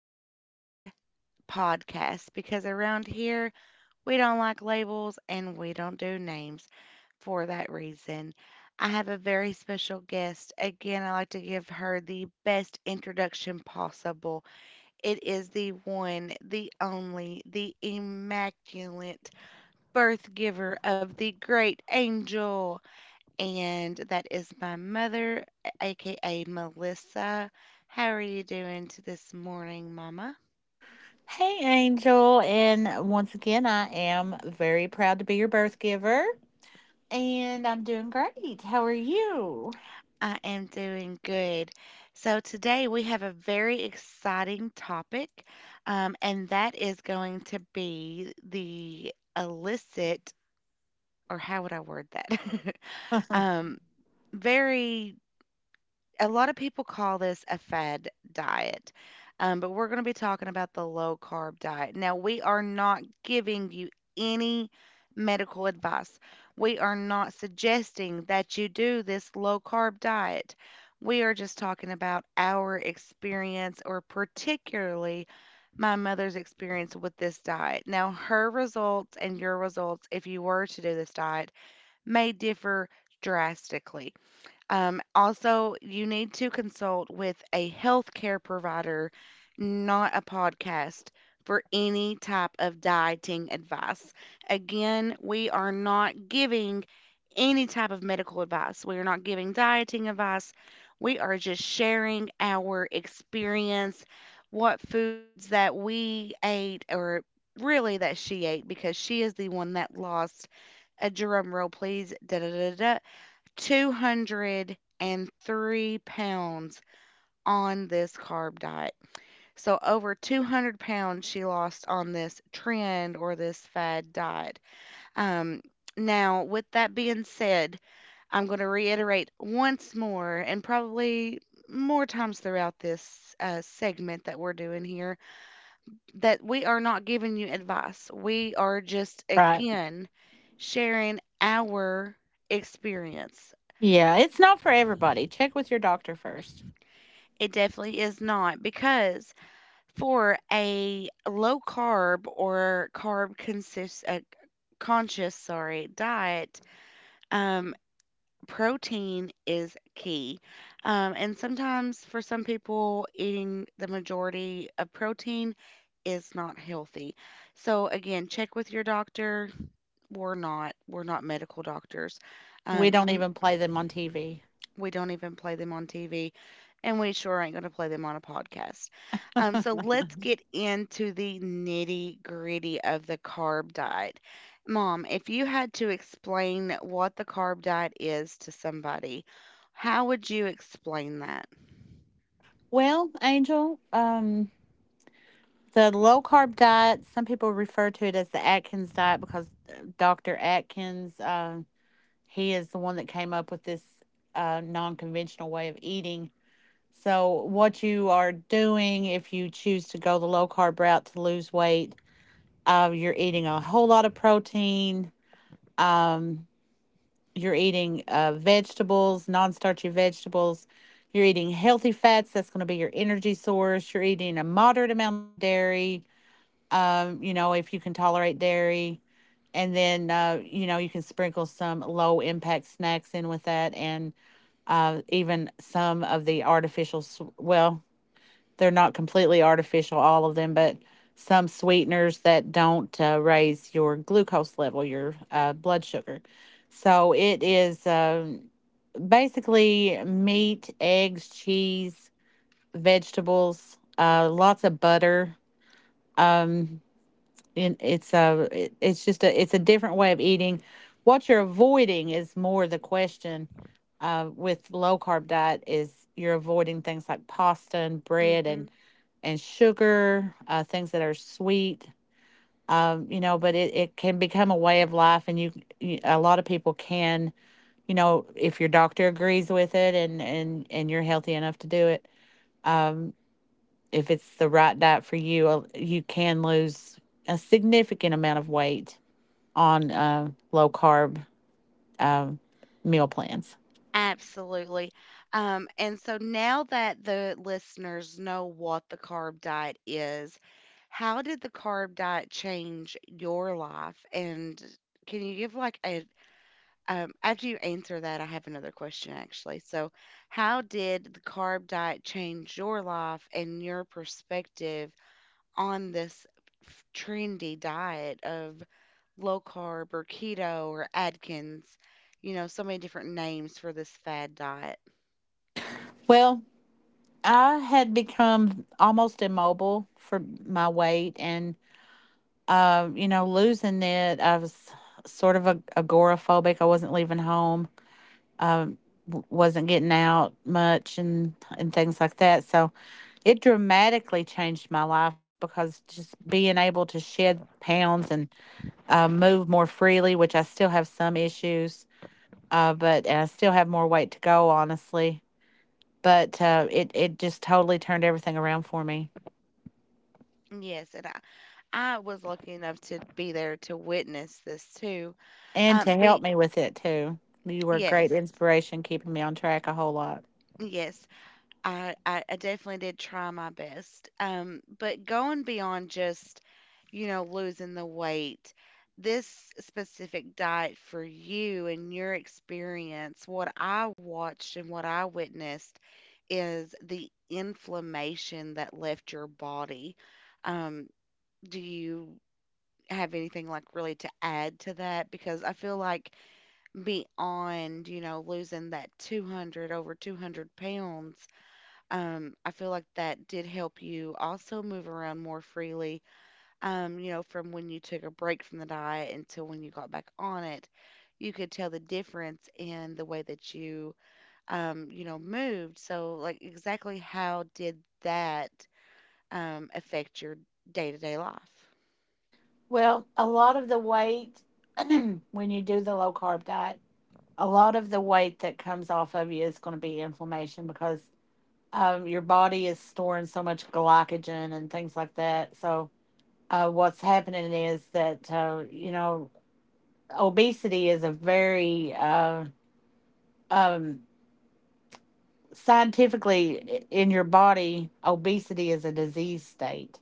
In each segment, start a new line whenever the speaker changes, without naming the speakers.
unnamed podcast, because around here we don't like labels and we don't do names for that reason. I have a very special guest. Again, I like to give her the best introduction possible. It is the one, the only, the immaculate birth giver of the great angel, and that is my mother, aka Melissa. How are you doing to this morning, Mama?
Hey, Angel. And once again, I am very proud to be your birth giver. And I'm doing great. How are you?
I am doing good. So, today we have a very exciting topic, and that is going to be the illicit, or how would I word that? um, very a lot of people call this a fad diet, but we're going to be talking about the low carb diet. Now, we are not giving you any medical advice. We are not suggesting that you do this low carb diet. We are just talking about our experience, or particularly my mother's experience with this diet. Now, her results and your results, if you were to do this diet, may differ drastically. Also, you need to consult with a healthcare provider, not a podcast, for any type of dieting advice. Again, we are not giving any type of medical advice. We are not giving dieting advice. We are just sharing our experience, what foods that we ate, or really that she ate, because she is the one that lost, a drum roll, please. Da da da da. 203 pounds on this carb diet. So over 200 pounds she lost on this trend or this fad diet. Um, now, with that being said, I'm going to reiterate once more and probably more times throughout this segment that we're doing here that we are not giving you advice. We are just,
Right.
again, sharing our experience.
Yeah, it's not for everybody. Check with your doctor first.
It definitely is not, because for a low carb or carb consist conscious, sorry, diet, um, protein is key. And sometimes for some people, eating the majority of protein is not healthy. So again, check with your doctor. We're not medical doctors.
We
Um,
don't even play them on TV.
We don't even play them on TV, and we sure ain't going to play them on a podcast. So let's get into the nitty gritty of the carb diet. Mom, if you had to explain what the carb diet is to somebody, how would you explain that?
Well, Angel, the low carb diet, some people refer to it as the Atkins diet because Dr. Atkins, he is the one that came up with this non conventional way of eating. So, what you are doing if you choose to go the low carb route to lose weight, you're eating a whole lot of protein. Um, you're eating vegetables, non starchy vegetables. You're eating healthy fats. That's going to be your energy source. You're eating a moderate amount of dairy, you know, if you can tolerate dairy. And then, you know, you can sprinkle some low impact snacks in with that and even some of the artificial, well, they're not completely artificial, all of them, but some sweeteners that don't raise your glucose level, your blood sugar. So it is basically meat, eggs, cheese, vegetables, lots of butter. Um, and it's a it- it's just a it's a different way of eating. What you're avoiding is more the question with low carb diet is you're avoiding things like pasta and bread
Hmm.
and sugar things that are sweet you know, but it can become a way of life and you, a lot of people can, you know, if your doctor agrees with it and you're healthy enough to do it, um, if it's the right diet for you, you can lose a significant amount of weight on low carb um meal plans.
Absolutely. And so now that the listeners know what the carb diet is, how did the carb diet change your life? And can you give like a after you answer that, I have another question actually. So, how did the carb diet change your life and your perspective on this trendy diet of low carb or keto or Atkins? You know, so many different names for this fad diet.
Well, I had become almost immobile for my weight, and you know, losing it, I was sort of agoraphobic. I wasn't leaving home, wasn't getting out much, and things like that. So it dramatically changed my life because just being able to shed pounds and move more freely, which I still have some issues, but and I still have more weight to go, honestly, but it it just totally turned everything around for me
Yes, and I was lucky enough to be there to witness this too.
and to help
Be
me with it too. You were a great
yes,
inspiration, keeping me on track a whole lot.
yes. I definitely did try my best. But going beyond just, you know, losing the weight, this specific diet for you and your experience, what I watched and what I witnessed is the inflammation that left your body. Um, do you have anything like really to add to that? Because I feel like beyond, you know, losing that over 200 pounds, I feel like that did help you also move around more freely. You know, from when you took a break from the diet until when you got back on it, you could tell the difference in the way that you, you know, moved. So, like, exactly how did that affect your day to day life?
Well, a lot of the weight when you do the low carb diet, a lot of the weight that comes off of you is going to be inflammation because your body is storing so much glycogen and things like that. So, what's happening is that, you know, obesity is a very um, scientifically in your body, obesity is a disease state.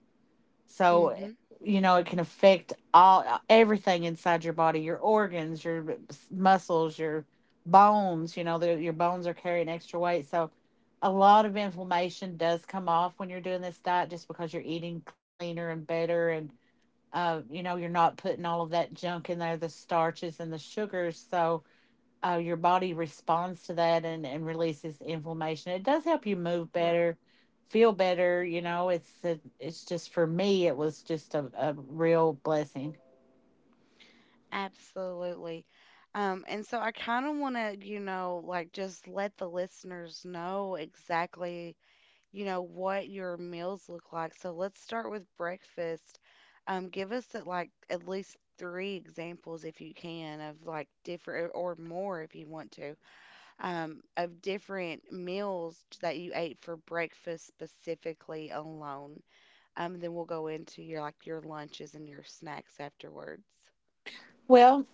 So,
Mm-hmm.
you know, it can affect all everything inside your body, your organs, your muscles, your bones, you know, your bones are carrying extra weight. So, a lot of inflammation does come off when you're doing this diet just because you're eating cleaner and better and you know, you're not putting all of that junk in there, the starches and the sugars. So, your body responds to that and releases inflammation. It does help you move
Right.
better, feel better. You know, it's just for me, it was just a real blessing.
Absolutely. And so I kind of want to, you know, like just let the listeners know exactly, you know, what your meals look like. So let's start with breakfast. Give us at like at least three examples if you can of like different or more if you want to, of different meals that you ate for breakfast specifically alone. Then we'll go into your like your lunches and your snacks afterwards.
Well,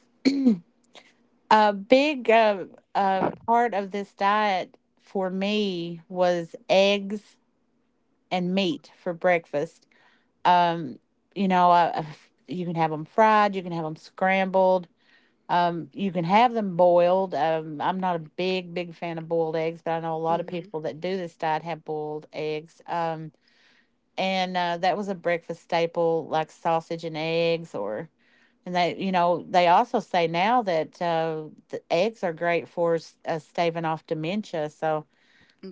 a big part of this diet for me was eggs and meat for breakfast. Um, you know, you can have them fried, you can have them scrambled. You can have them boiled. I'm not a big, big fan of boiled eggs, but I know a lot of
Hmm.
people that do this diet have boiled eggs. And that was a breakfast staple, like sausage and eggs, or and they, you know, they also say now that the eggs are great for staving off dementia. So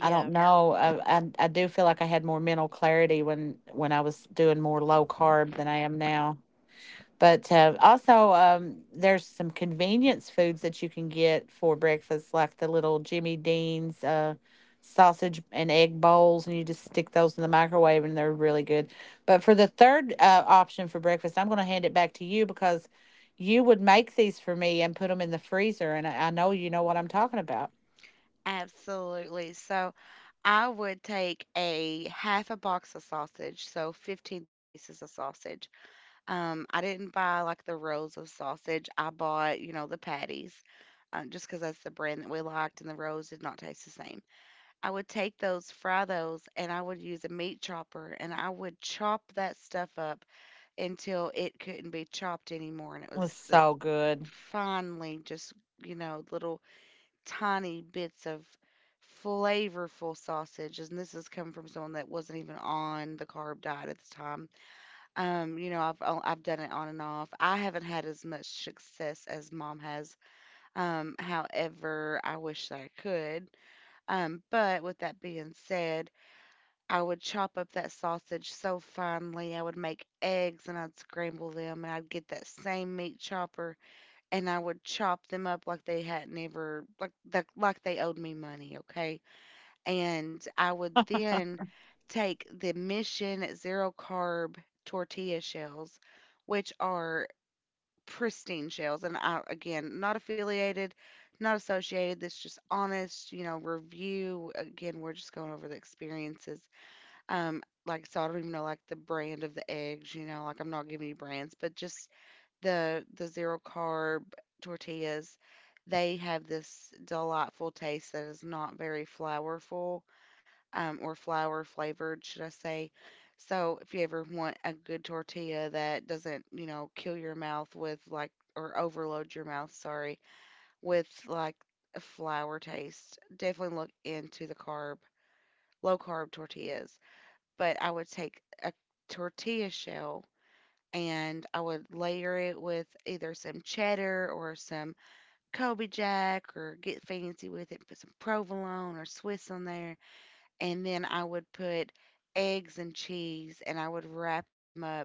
I don't Yeah. know. I do feel like I had more mental clarity when I was doing more low carb than I am now. But also, there's some convenience foods that you can get for breakfast, like the little Jimmy Dean's sausage and egg bowls, and you just stick those in the microwave, and they're really good. But for the third option for breakfast, I'm going to hand it back to you because you would make these for me and put them in the freezer, and I know you know what I'm talking about.
absolutely. So I would take a half a box of sausage, so 15 pieces of sausage. I didn't buy like the rolls of sausage. I bought, you know, the patties, just because that's the brand that we liked, and the rolls did not taste the same. I would take those, fry those, and I would use a meat chopper, and I would chop that stuff up until it couldn't be chopped anymore, and it
It was
was the
so good,
finely just, you know, little tiny bits of flavorful sausage. And this has come from someone that wasn't even on the carb diet at the time. You know, I've done it on and off. I haven't had as much success as mom has. However, I wish that I could. But with that being said, I would chop up that sausage so finely. I would make eggs and I'd scramble them and I'd get that same meat chopper and I would chop them up like they hadn't ever like they owed me money, okay? And I would then take the Mission Zero Carb tortilla shells, which are pristine shells. And I, again, not affiliated, not associated. This just honest, you know, review. Again, we're just going over the experiences. Like so, I don't even know like the brand of the eggs. You know, like I'm not giving you brands, but just the zero carb tortillas. They have this delightful taste that is not very flourful, or flour flavored, should I say. So if you ever want a good tortilla that doesn't, you know, kill your mouth with like, or overload your mouth, sorry, with like a flour taste, definitely look into the carb, low carb tortillas. But I would take a tortilla shell and I would layer it with either some cheddar or some Kobe Jack or get fancy with it, put some provolone or Swiss on there and then I would put eggs and cheese, and I would wrap them up,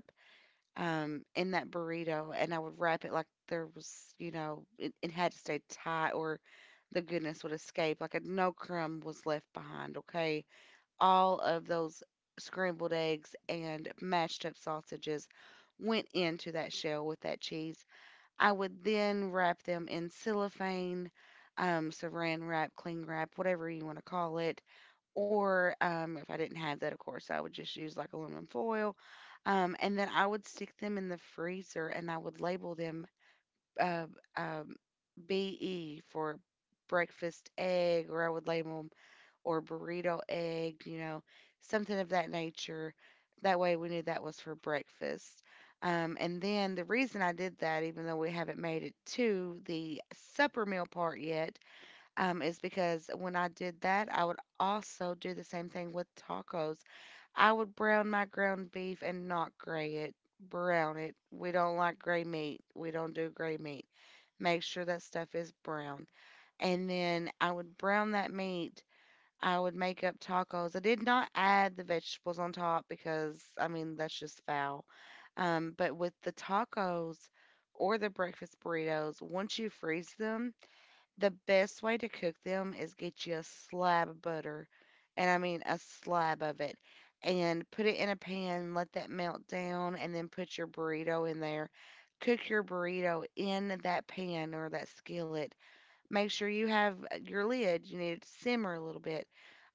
in that burrito, and I would wrap it like there was, you know, it had to stay tight, or the goodness would escape. Like a, no crumb was left behind. Okay, all of those scrambled eggs and mashed up sausages went into that shell with that cheese. I would then wrap them in cellophane, saran wrap, cling wrap, whatever you want to call it, or if I didn't have that, of course, I would just use like aluminum foil. And then I would stick them in the freezer and I would label them uh, um, BE for breakfast egg, or I would label them or burrito egg, you know, something of that nature. That way we knew that was for breakfast. And then the reason I did that, even though we haven't made it to the supper meal part yet, is because when I did that, I would also do the same thing with tacos. I would brown my ground beef and not gray it. Brown it. We don't like gray meat. We don't do gray meat. Make sure that stuff is brown. And then I would brown that meat. I would make up tacos. I did not add the vegetables on top because, I mean, that's just foul. But with the tacos or the breakfast burritos, once you freeze them, the best way to cook them is get you a slab of butter, and I mean a slab of it, and put it in a pan, let that melt down, and then put your burrito in there. Cook your burrito in that pan or that skillet. Make sure you have your lid. You need it to simmer a little bit,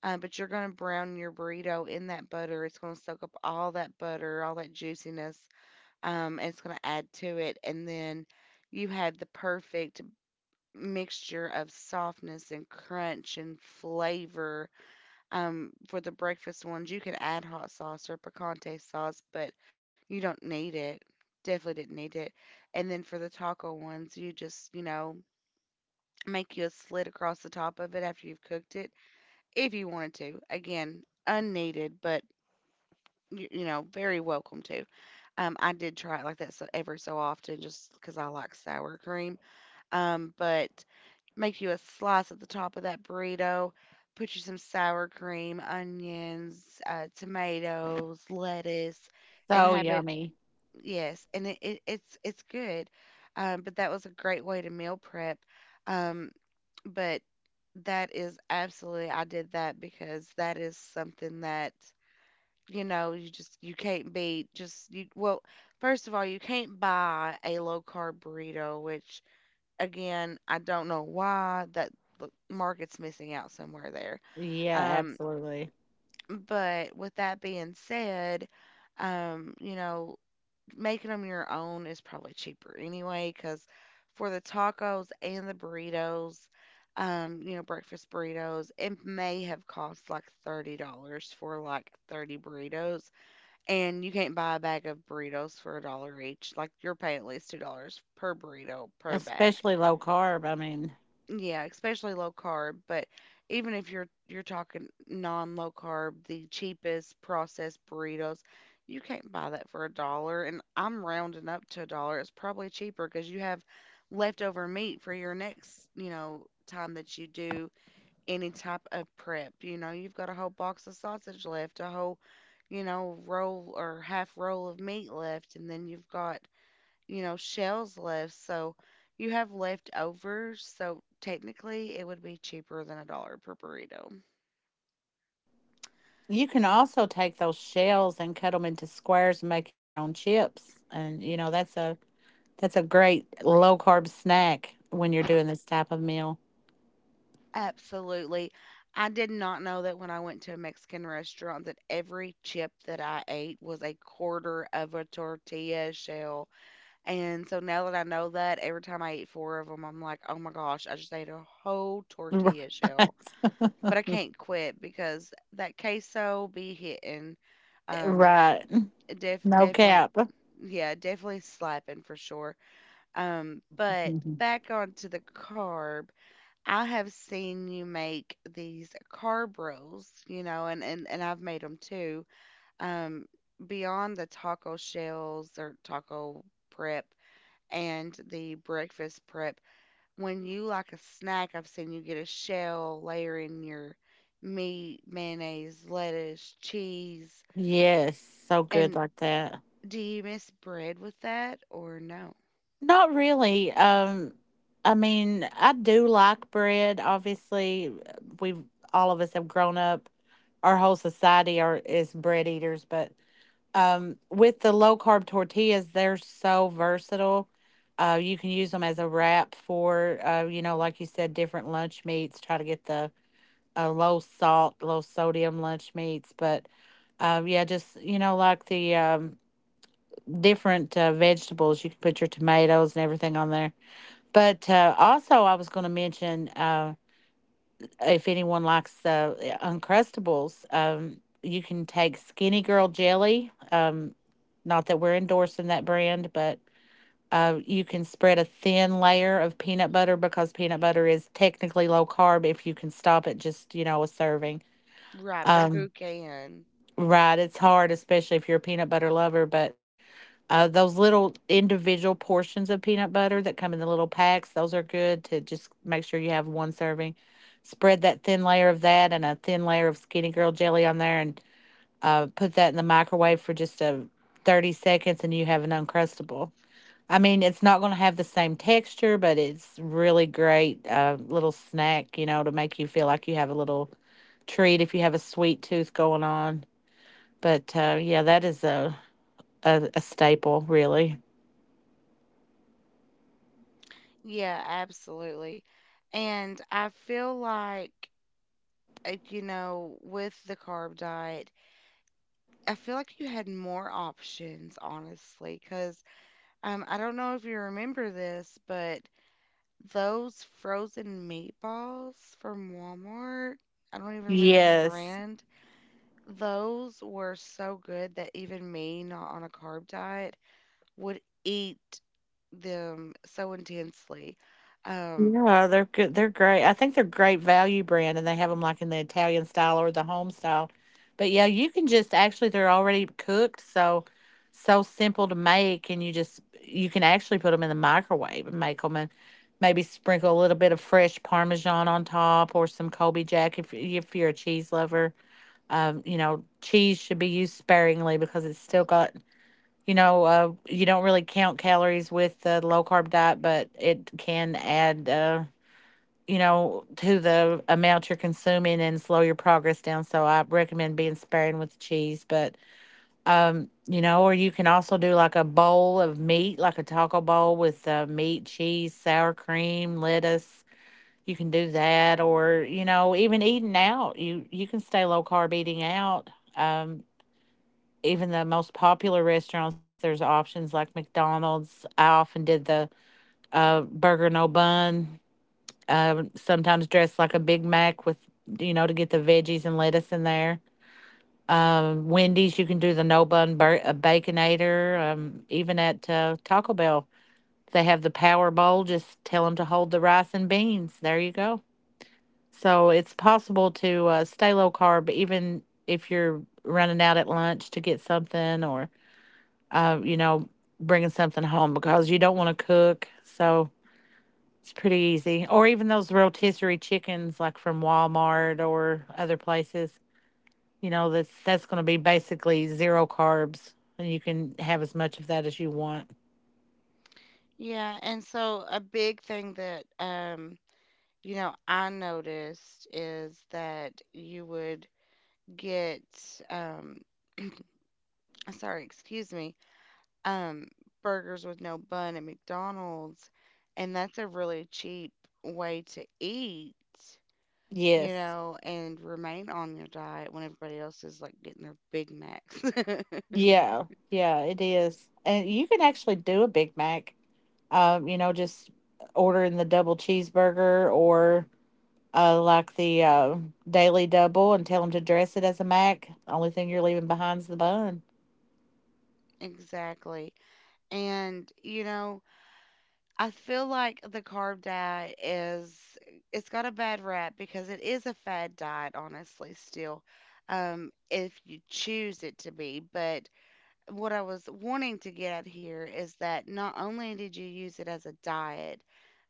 but you're going to brown your burrito in that butter. It's going to soak up all that butter, all that juiciness, and it's going to add to it. And then you have the perfect mixture of softness and crunch and flavor. For the breakfast ones, you could add hot sauce or picante sauce, but you don't need it. Definitely didn't need it. And then for the taco ones, you just, you know, make you a slit across the top of it after you've cooked it if you wanted to. Again, unneeded, but you know, very welcome to. I did try it like that so ever so often just because I like sour cream. But make you a slice at the top of that burrito. Put you some sour cream, onions, tomatoes, lettuce, and
so
have it.
yummy.
Yes, and it's it's good. But that was a great way to meal prep. Um, but that is absolutely I did that because that is something that you know you just you can't beat. Just you— well, first of all, you can't buy a low carb burrito, which again, I don't know why that the market's missing out somewhere there.
Yeah,
Um,
absolutely.
but with that being said, um, you know, making them your own is probably cheaper anyway, because for the tacos and the burritos, breakfast burritos, it may have cost like $30 for like 30 burritos. And you can't buy a bag of burritos for a dollar each. Like you're paying at least $2 per burrito per bag.
Especially low carb. I mean.
Yeah, especially low carb, but even if you're talking non-low carb, the cheapest processed burritos, you can't buy that for a dollar, and I'm rounding up to a dollar. It's probably cheaper because you have leftover meat for your next, you know, time that you do any type of prep. You know, you've got a whole box of sausage left, a whole, you know, roll or half roll of meat left, and then you've got, you know, shells left. So you have leftovers. So technically, it would be cheaper than a dollar per burrito.
You can also take those shells and cut them into squares and make your own chips. And you know, that's a great low carb snack when you're doing this type of meal.
Absolutely. I did not know that when I went to a Mexican restaurant that every chip that I ate was a quarter of a tortilla shell. And so now that I know that, every time I eat four of them, I'm like, oh my gosh, I just ate a whole
Right.
tortilla shell. But I can't quit because that queso be hitting. Um,
Right. No
Definitely,
cap.
yeah, definitely slapping for sure. But
Mhm.
back onto the carb, I have seen you make these carb rolls, you know, and and I've made them too. Um, beyond the taco shells or taco prep and the breakfast prep, when you like a snack, I've seen you get a shell layering your meat, mayonnaise, lettuce, cheese,
Yes, so good
and—
like that.
do you miss bread with that or no?
Not really. I mean, I do like bread. Obviously, we all of us have grown up. Our whole society are is bread eaters, but with the low carb tortillas, they're so versatile. You can use them as a wrap for, you know, like you said, different lunch meats. Try to get the low salt, low sodium lunch meats. But yeah, just, you know, like the different vegetables, you can put your tomatoes and everything on there. But also, I was going to mention, if anyone likes Uncrustables, you can take Skinny Girl Jelly. Not that we're endorsing that brand, but you can spread a thin layer of peanut butter because peanut butter is technically low carb if you can stop at just, you know, a serving.
Right, but
Um,
who can?
right. It's hard, especially if you're a peanut butter lover, but those little individual portions of peanut butter that come in the little packs, those are good to just make sure you have one serving. Spread that thin layer of that and a thin layer of Skinny Girl jelly on there and put that in the microwave for just a 30 seconds and you have an Uncrustable. I mean, it's not going to have the same texture, but it's really great little snack, you know, to make you feel like you have a little treat if you have a sweet tooth going on. But yeah, that is a staple, really.
Yeah, absolutely. And I feel like, you know, with the carb diet, I feel like you had more options, honestly, because I don't know if you remember this, but those frozen meatballs from Walmart, I don't even remember the
Yes.
brand, those were so good that even me, not on a carb diet, would eat them so intensely. Um,
Yeah, they're good. They're great. I think they're great value brand, and they have them like in the Italian style or the home style. But yeah, you can just actually they're already cooked, so so simple to make, and you just you can actually put them in the microwave and make them, and maybe sprinkle a little bit of fresh Parmesan on top or some Colby Jack if you're a cheese lover. You know, cheese should be used sparingly because it's still got. You know, you don't really count calories with the low carb diet, but it can add, you know, to the amount you're consuming and slow your progress down. So I recommend being sparing with the cheese, but you know, or you can also do like a bowl of meat, like a taco bowl with meat, cheese, sour cream, lettuce. You can do that, or you know, even eating out. You can stay low carb eating out. Um, even the most popular restaurants, there's options like McDonald's. I often did the burger no bun, sometimes dressed like a Big Mac with, you know, to get the veggies and lettuce in there. Wendy's, you can do the no bun baconator. Even at Taco Bell, they have the Power Bowl. Just tell them to hold the rice and beans. There you go. So it's possible to stay low carb, even if you're running out at lunch to get something or you know, bringing something home because you don't want to cook. So it's pretty easy. Or even those rotisserie chickens, like from Walmart or other places. You know, that's going to be basically zero carbs, and you can have as much of that as you want.
yeah, and so a big thing that I noticed is that you would get um sorry, excuse me, um burgers with no bun at McDonald's, and that's a really cheap way to eat. You
Yes.
know, and remain on your diet when everybody else is like getting their Big Macs.
Yeah. Yeah. It is, and you can actually do a Big Mac. You know, just ordering the double cheeseburger or like the daily double and tell them to dress it as a mac. Only thing you're leaving behind is the bun.
Exactly. And, you know, I feel like the carb diet is— it's got a bad rap because it is a fad diet, honestly, still, if you choose it to be. But what I was wanting to get at here is that not only did you use it as a diet,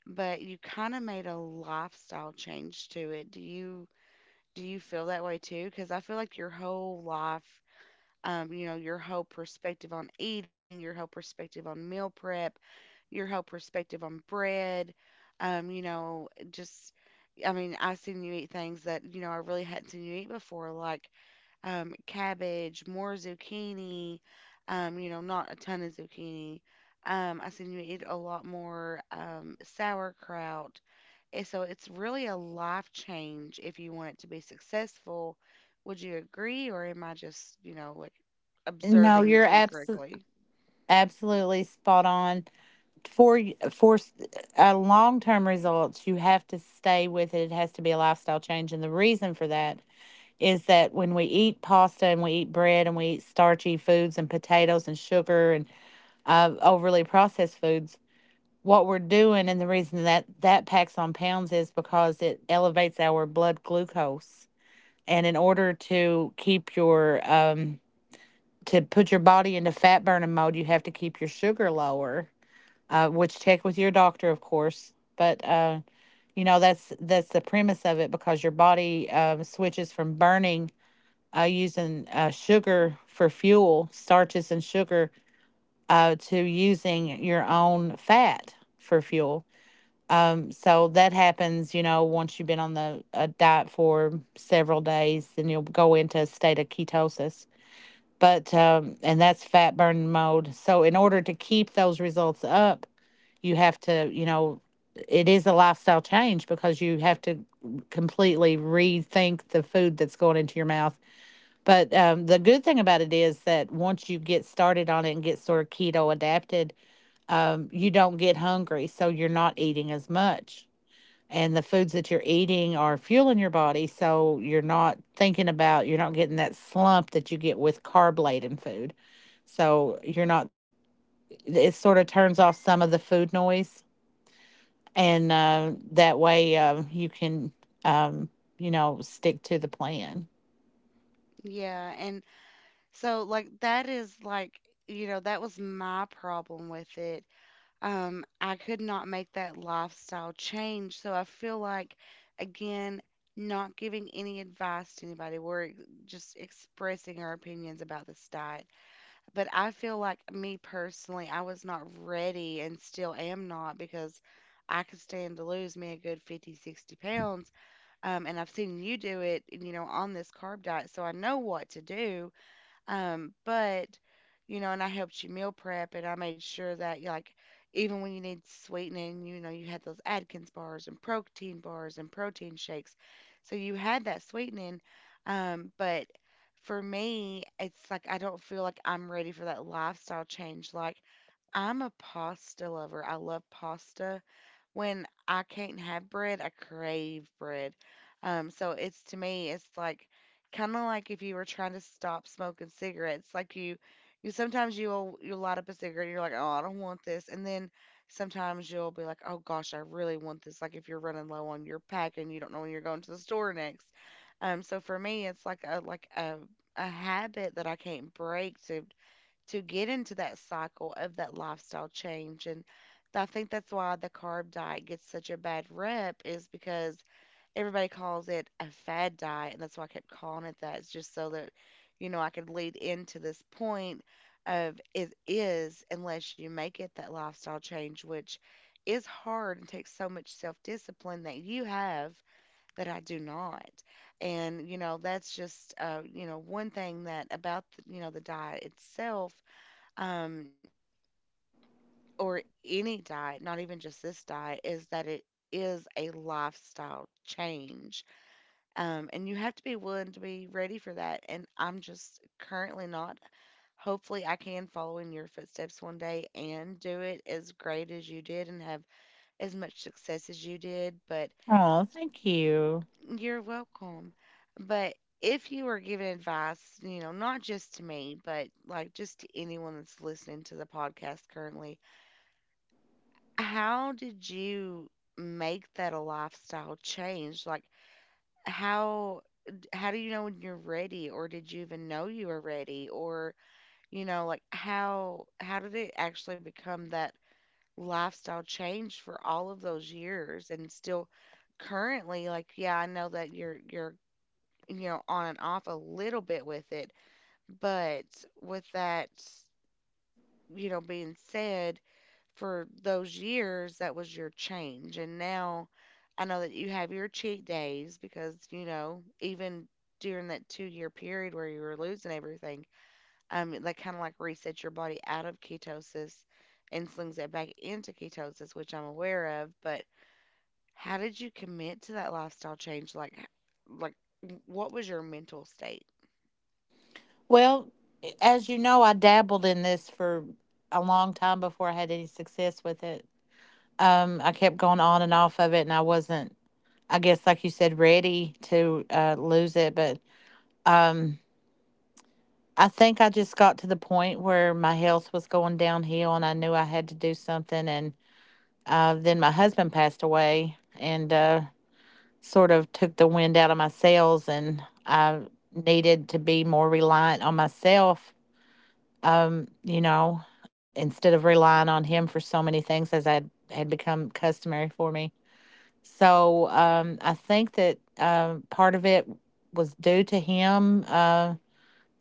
but you kind of made a lifestyle change to it. Do you feel that way too? Because I feel like your whole life, you know, your whole perspective on eating, your whole perspective on meal prep, your whole perspective on bread. You know, just— I mean, I've seen you eat things that, you know, I really hadn't seen you eat before, like cabbage, more zucchini, you know, not a ton of zucchini. I've seen you eat a lot more sauerkraut. And so it's really a life change if you want it to be successful. Would you agree, or am I just, you know, like
No,
observing
you're
this incorrectly?
absolutely spot on. For long term results, you have to stay with it. It has to be a lifestyle change, and the reason for that is that when we eat pasta and we eat bread and we eat starchy foods and potatoes and sugar and overly processed foods, what we're doing and the reason that that packs on pounds is because it elevates our blood glucose. And in order to keep your to put your body into fat burning mode, you have to keep your sugar lower, which check with your doctor, of course. But that's the premise of it because your body switches from burning using sugar for fuel, starches and sugar, to using your own fat for fuel. So that happens, you know, once you've been on the a diet for several days, then you'll go into a state of ketosis. But and that's fat burning mode. So in order to keep those results up, you have to, you know, it is a lifestyle change because you have to completely rethink the food that's going into your mouth. But the good thing about it is that once you get started on it and get sort of keto adapted, you don't get hungry, so you're not eating as much, and the foods that you're eating are fueling your body, so you're not thinking about, you're not getting that slump that you get with carb laden food, so you're not, it sort of turns off some of the food noise. And that way you can um, you know, stick to the plan.
Yeah. So like that is like, you know, that was my problem with it. I could not make that lifestyle change. So I feel like, again, not giving any advice to anybody. Just expressing our opinions about this diet. But I feel like, me personally, I was not ready and still am not because I could stand to lose me a good 50, 60 pounds. And I've seen you do it, you know, on this carb diet. So I know what to do, but you know, and I helped you meal prep, and I made sure that you, like, even when you need sweetening, you know, you had those Atkins bars and protein shakes, so you had that sweetening. But for me, it's like I don't feel like I'm ready for that lifestyle change. Like, I'm a pasta lover. I love pasta. When I can't have bread, I crave bread. So it's— to me, it's like kind of like if you were trying to stop smoking cigarettes. You sometimes you'll light up a cigarette, and you're like, oh, I don't want this, and then sometimes you'll be like, oh gosh, I really want this. Like if you're running low on your pack and you don't know when you're going to the store next. So for me, it's like a— like a— a habit that I can't break, to get into that cycle of that lifestyle change. And I think that's why the carb diet gets such a bad rep is because everybody calls it a fad diet, and that's why I kept calling it that. It's just so that, you know, I could lead into this point of— it is, unless you make it that lifestyle change, which is hard and takes so much self discipline that you have, that I do not. And you know, that's just you know, one thing that— about the, you know, the diet itself, um, or any diet, not even just this diet, is that it is a lifestyle change. And you have to be willing to be ready for that. And I'm just currently not. Hopefully, I can follow in your footsteps one day and do it as great as you did and have as much success as you did. But
Oh, thank you.
you're welcome. But if you are giving advice, you know, not just to me, but like just to anyone that's listening to the podcast currently, how did you make that a lifestyle change? Like, how how do you know when you're ready, or did you even know you were ready, or you know, like, how did it actually become that lifestyle change for all of those years and still currently? Like, yeah, I know that you're you know, on and off a little bit with it, but with that, you know, being said, for those years, that was your change. And now I know that you have your cheat days because, you know, even during that 2 year period where you were losing everything, that kind of like resets your body out of ketosis and slings it back into ketosis, which I'm aware of. But how did you commit to that lifestyle change? Like, what was your mental state?
Well, as you know, I dabbled in this for a long time before I had any success with it. I kept going on and off of it, and I wasn't, I guess, like you said, ready to lose it. But I think I just got to the point where my health was going downhill, and I knew I had to do something. And then my husband passed away, and sort of took the wind out of my sails, and I needed to be more reliant on myself, you know, instead of relying on him for so many things as I had, had become customary for me. So I think that part of it was due to him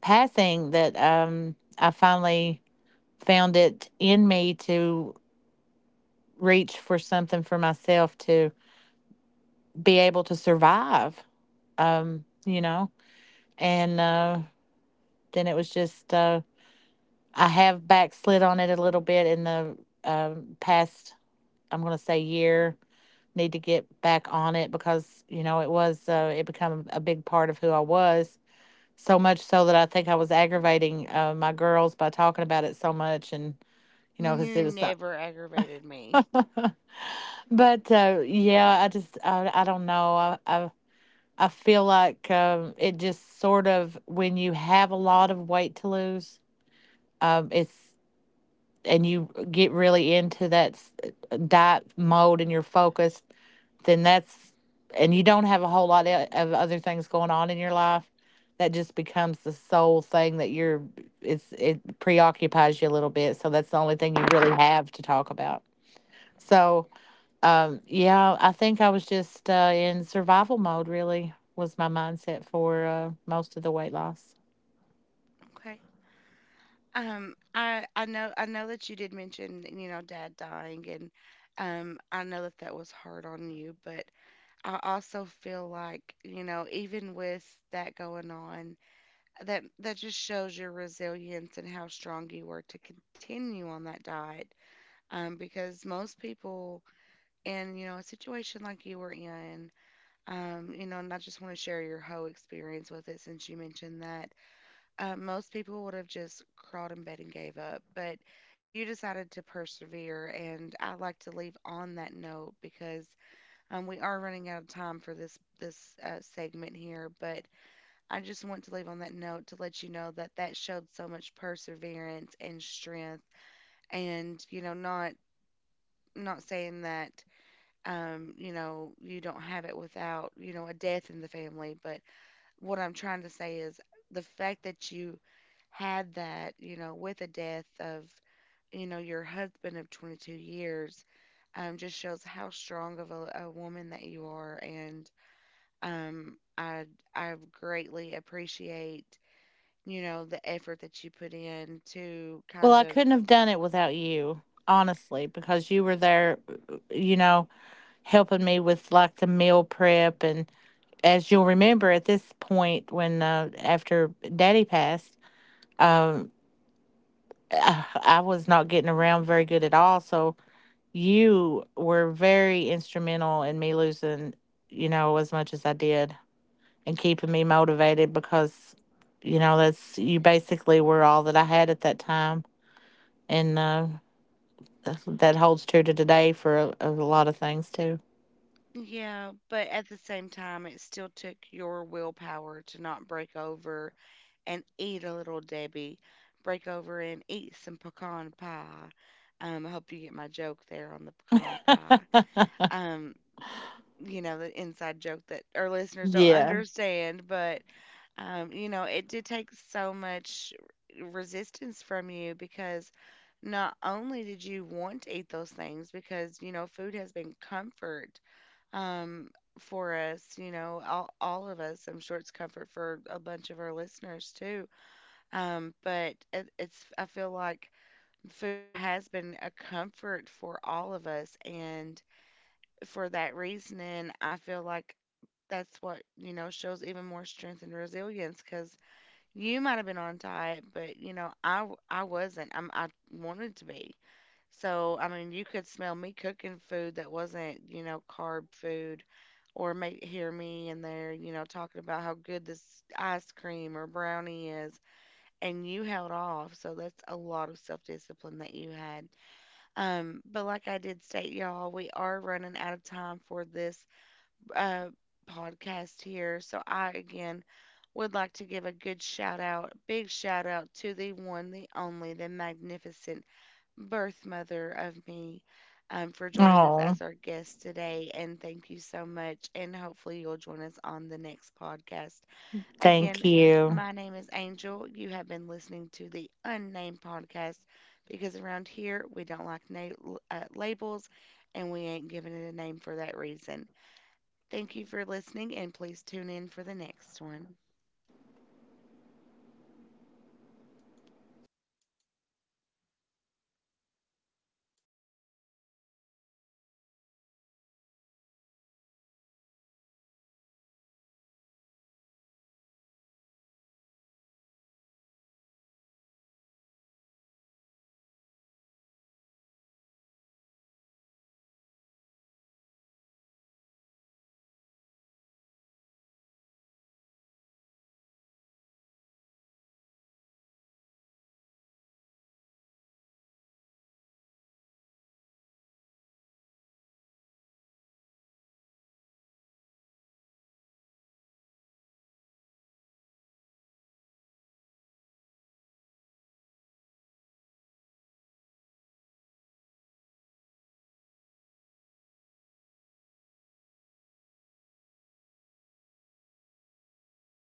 passing that I finally found it in me to reach for something for myself to be able to survive, you know? And then it was just, I have backslid on it a little bit in the past, I'm going to say year. Need to get back on it because, you know, it was, it became a big part of who I was, so much so that I think I was aggravating my girls by talking about it so much, and you know, because
You
it was.
never aggravated me.
so- but yeah, I just I don't know. I feel like it just sort of, when you have a lot of weight to lose, it's, and you get really into that diet mode and you're focused, then that's, and you don't have a whole lot of other things going on in your life, that just becomes the sole thing that you're, it's, it preoccupies you a little bit, so that's the only thing you really have to talk about. So yeah, I think I was just in survival mode, really was my mindset for most of the weight loss.
Okay. I know I know that you did mention, you know, dad dying, and I know that that was hard on you, but I also feel like, you know, even with that going on, that just shows your resilience and how strong you were to continue on that diet. Because most people in, you know, a situation like you were in, you know, and I just want to share your whole experience with it since you mentioned that, most people would have just crawled in bed and gave up, but you decided to persevere. And I'd like to leave on that note because we are running out of time for this segment here. But I just want to leave on that note to let you know that that showed so much perseverance and strength, and you know, not— not saying that you know, you don't have it without, you know, a death in the family, but what I'm trying to say is the fact that you had that, you know, with the death of, you know, your husband of 22 years, just shows how strong of a woman that you are. And um, I, I greatly appreciate, you know, the effort that you put in to
Well,
kind
I
of—
couldn't have done it without you, honestly, because you were there, you know, helping me with like the meal prep, and as you'll remember at this point when, after daddy passed, I was not getting around very good at all, so you were very instrumental in me losing, you know, as much as I did, and keeping me motivated because, you know, that's, you basically were all that I had at that time. And that holds true to today for a lot of things too.
yeah, but at the same time, it still took your willpower to not break over and eat a little Debbie. Break over and eat some pecan pie. I hope you get my joke there on the pecan pie. um you know, the inside joke that our listeners don't
Yeah.
understand, but you know, it did take so much resistance from you because not only did you want to eat those things because, you know, food has been comfort, um for us, you know, all of us, I'm sure it's comfort for a bunch of our listeners too. But it's— I feel like food has been a comfort for all of us, and for that reasoning, I feel like that's what, you know, shows even more strength and resilience because you might have been on diet, but you know, I wasn't. I wanted to be. So I mean, you could smell me cooking food that wasn't, you know, carb food, or make hear me in there, you know, talking about how good this ice cream or brownie is, and you held off. So that's a lot of self-discipline that you had. But like I did state, y'all, we are running out of time for this uh, podcast here. So I again would like to give a good shout out, big shout out to the one, the only, the magnificent birth mother of me, for joining us
Oh,
as our guest today. And thank you so much. And hopefully you'll join us on the next podcast.
thank
Again,
you.
my name is Angel. You have been listening to the Unnamed Podcast because around here we don't like labels, and we ain't giving it a name for that reason. Thank you for listening, and please tune in for the next one.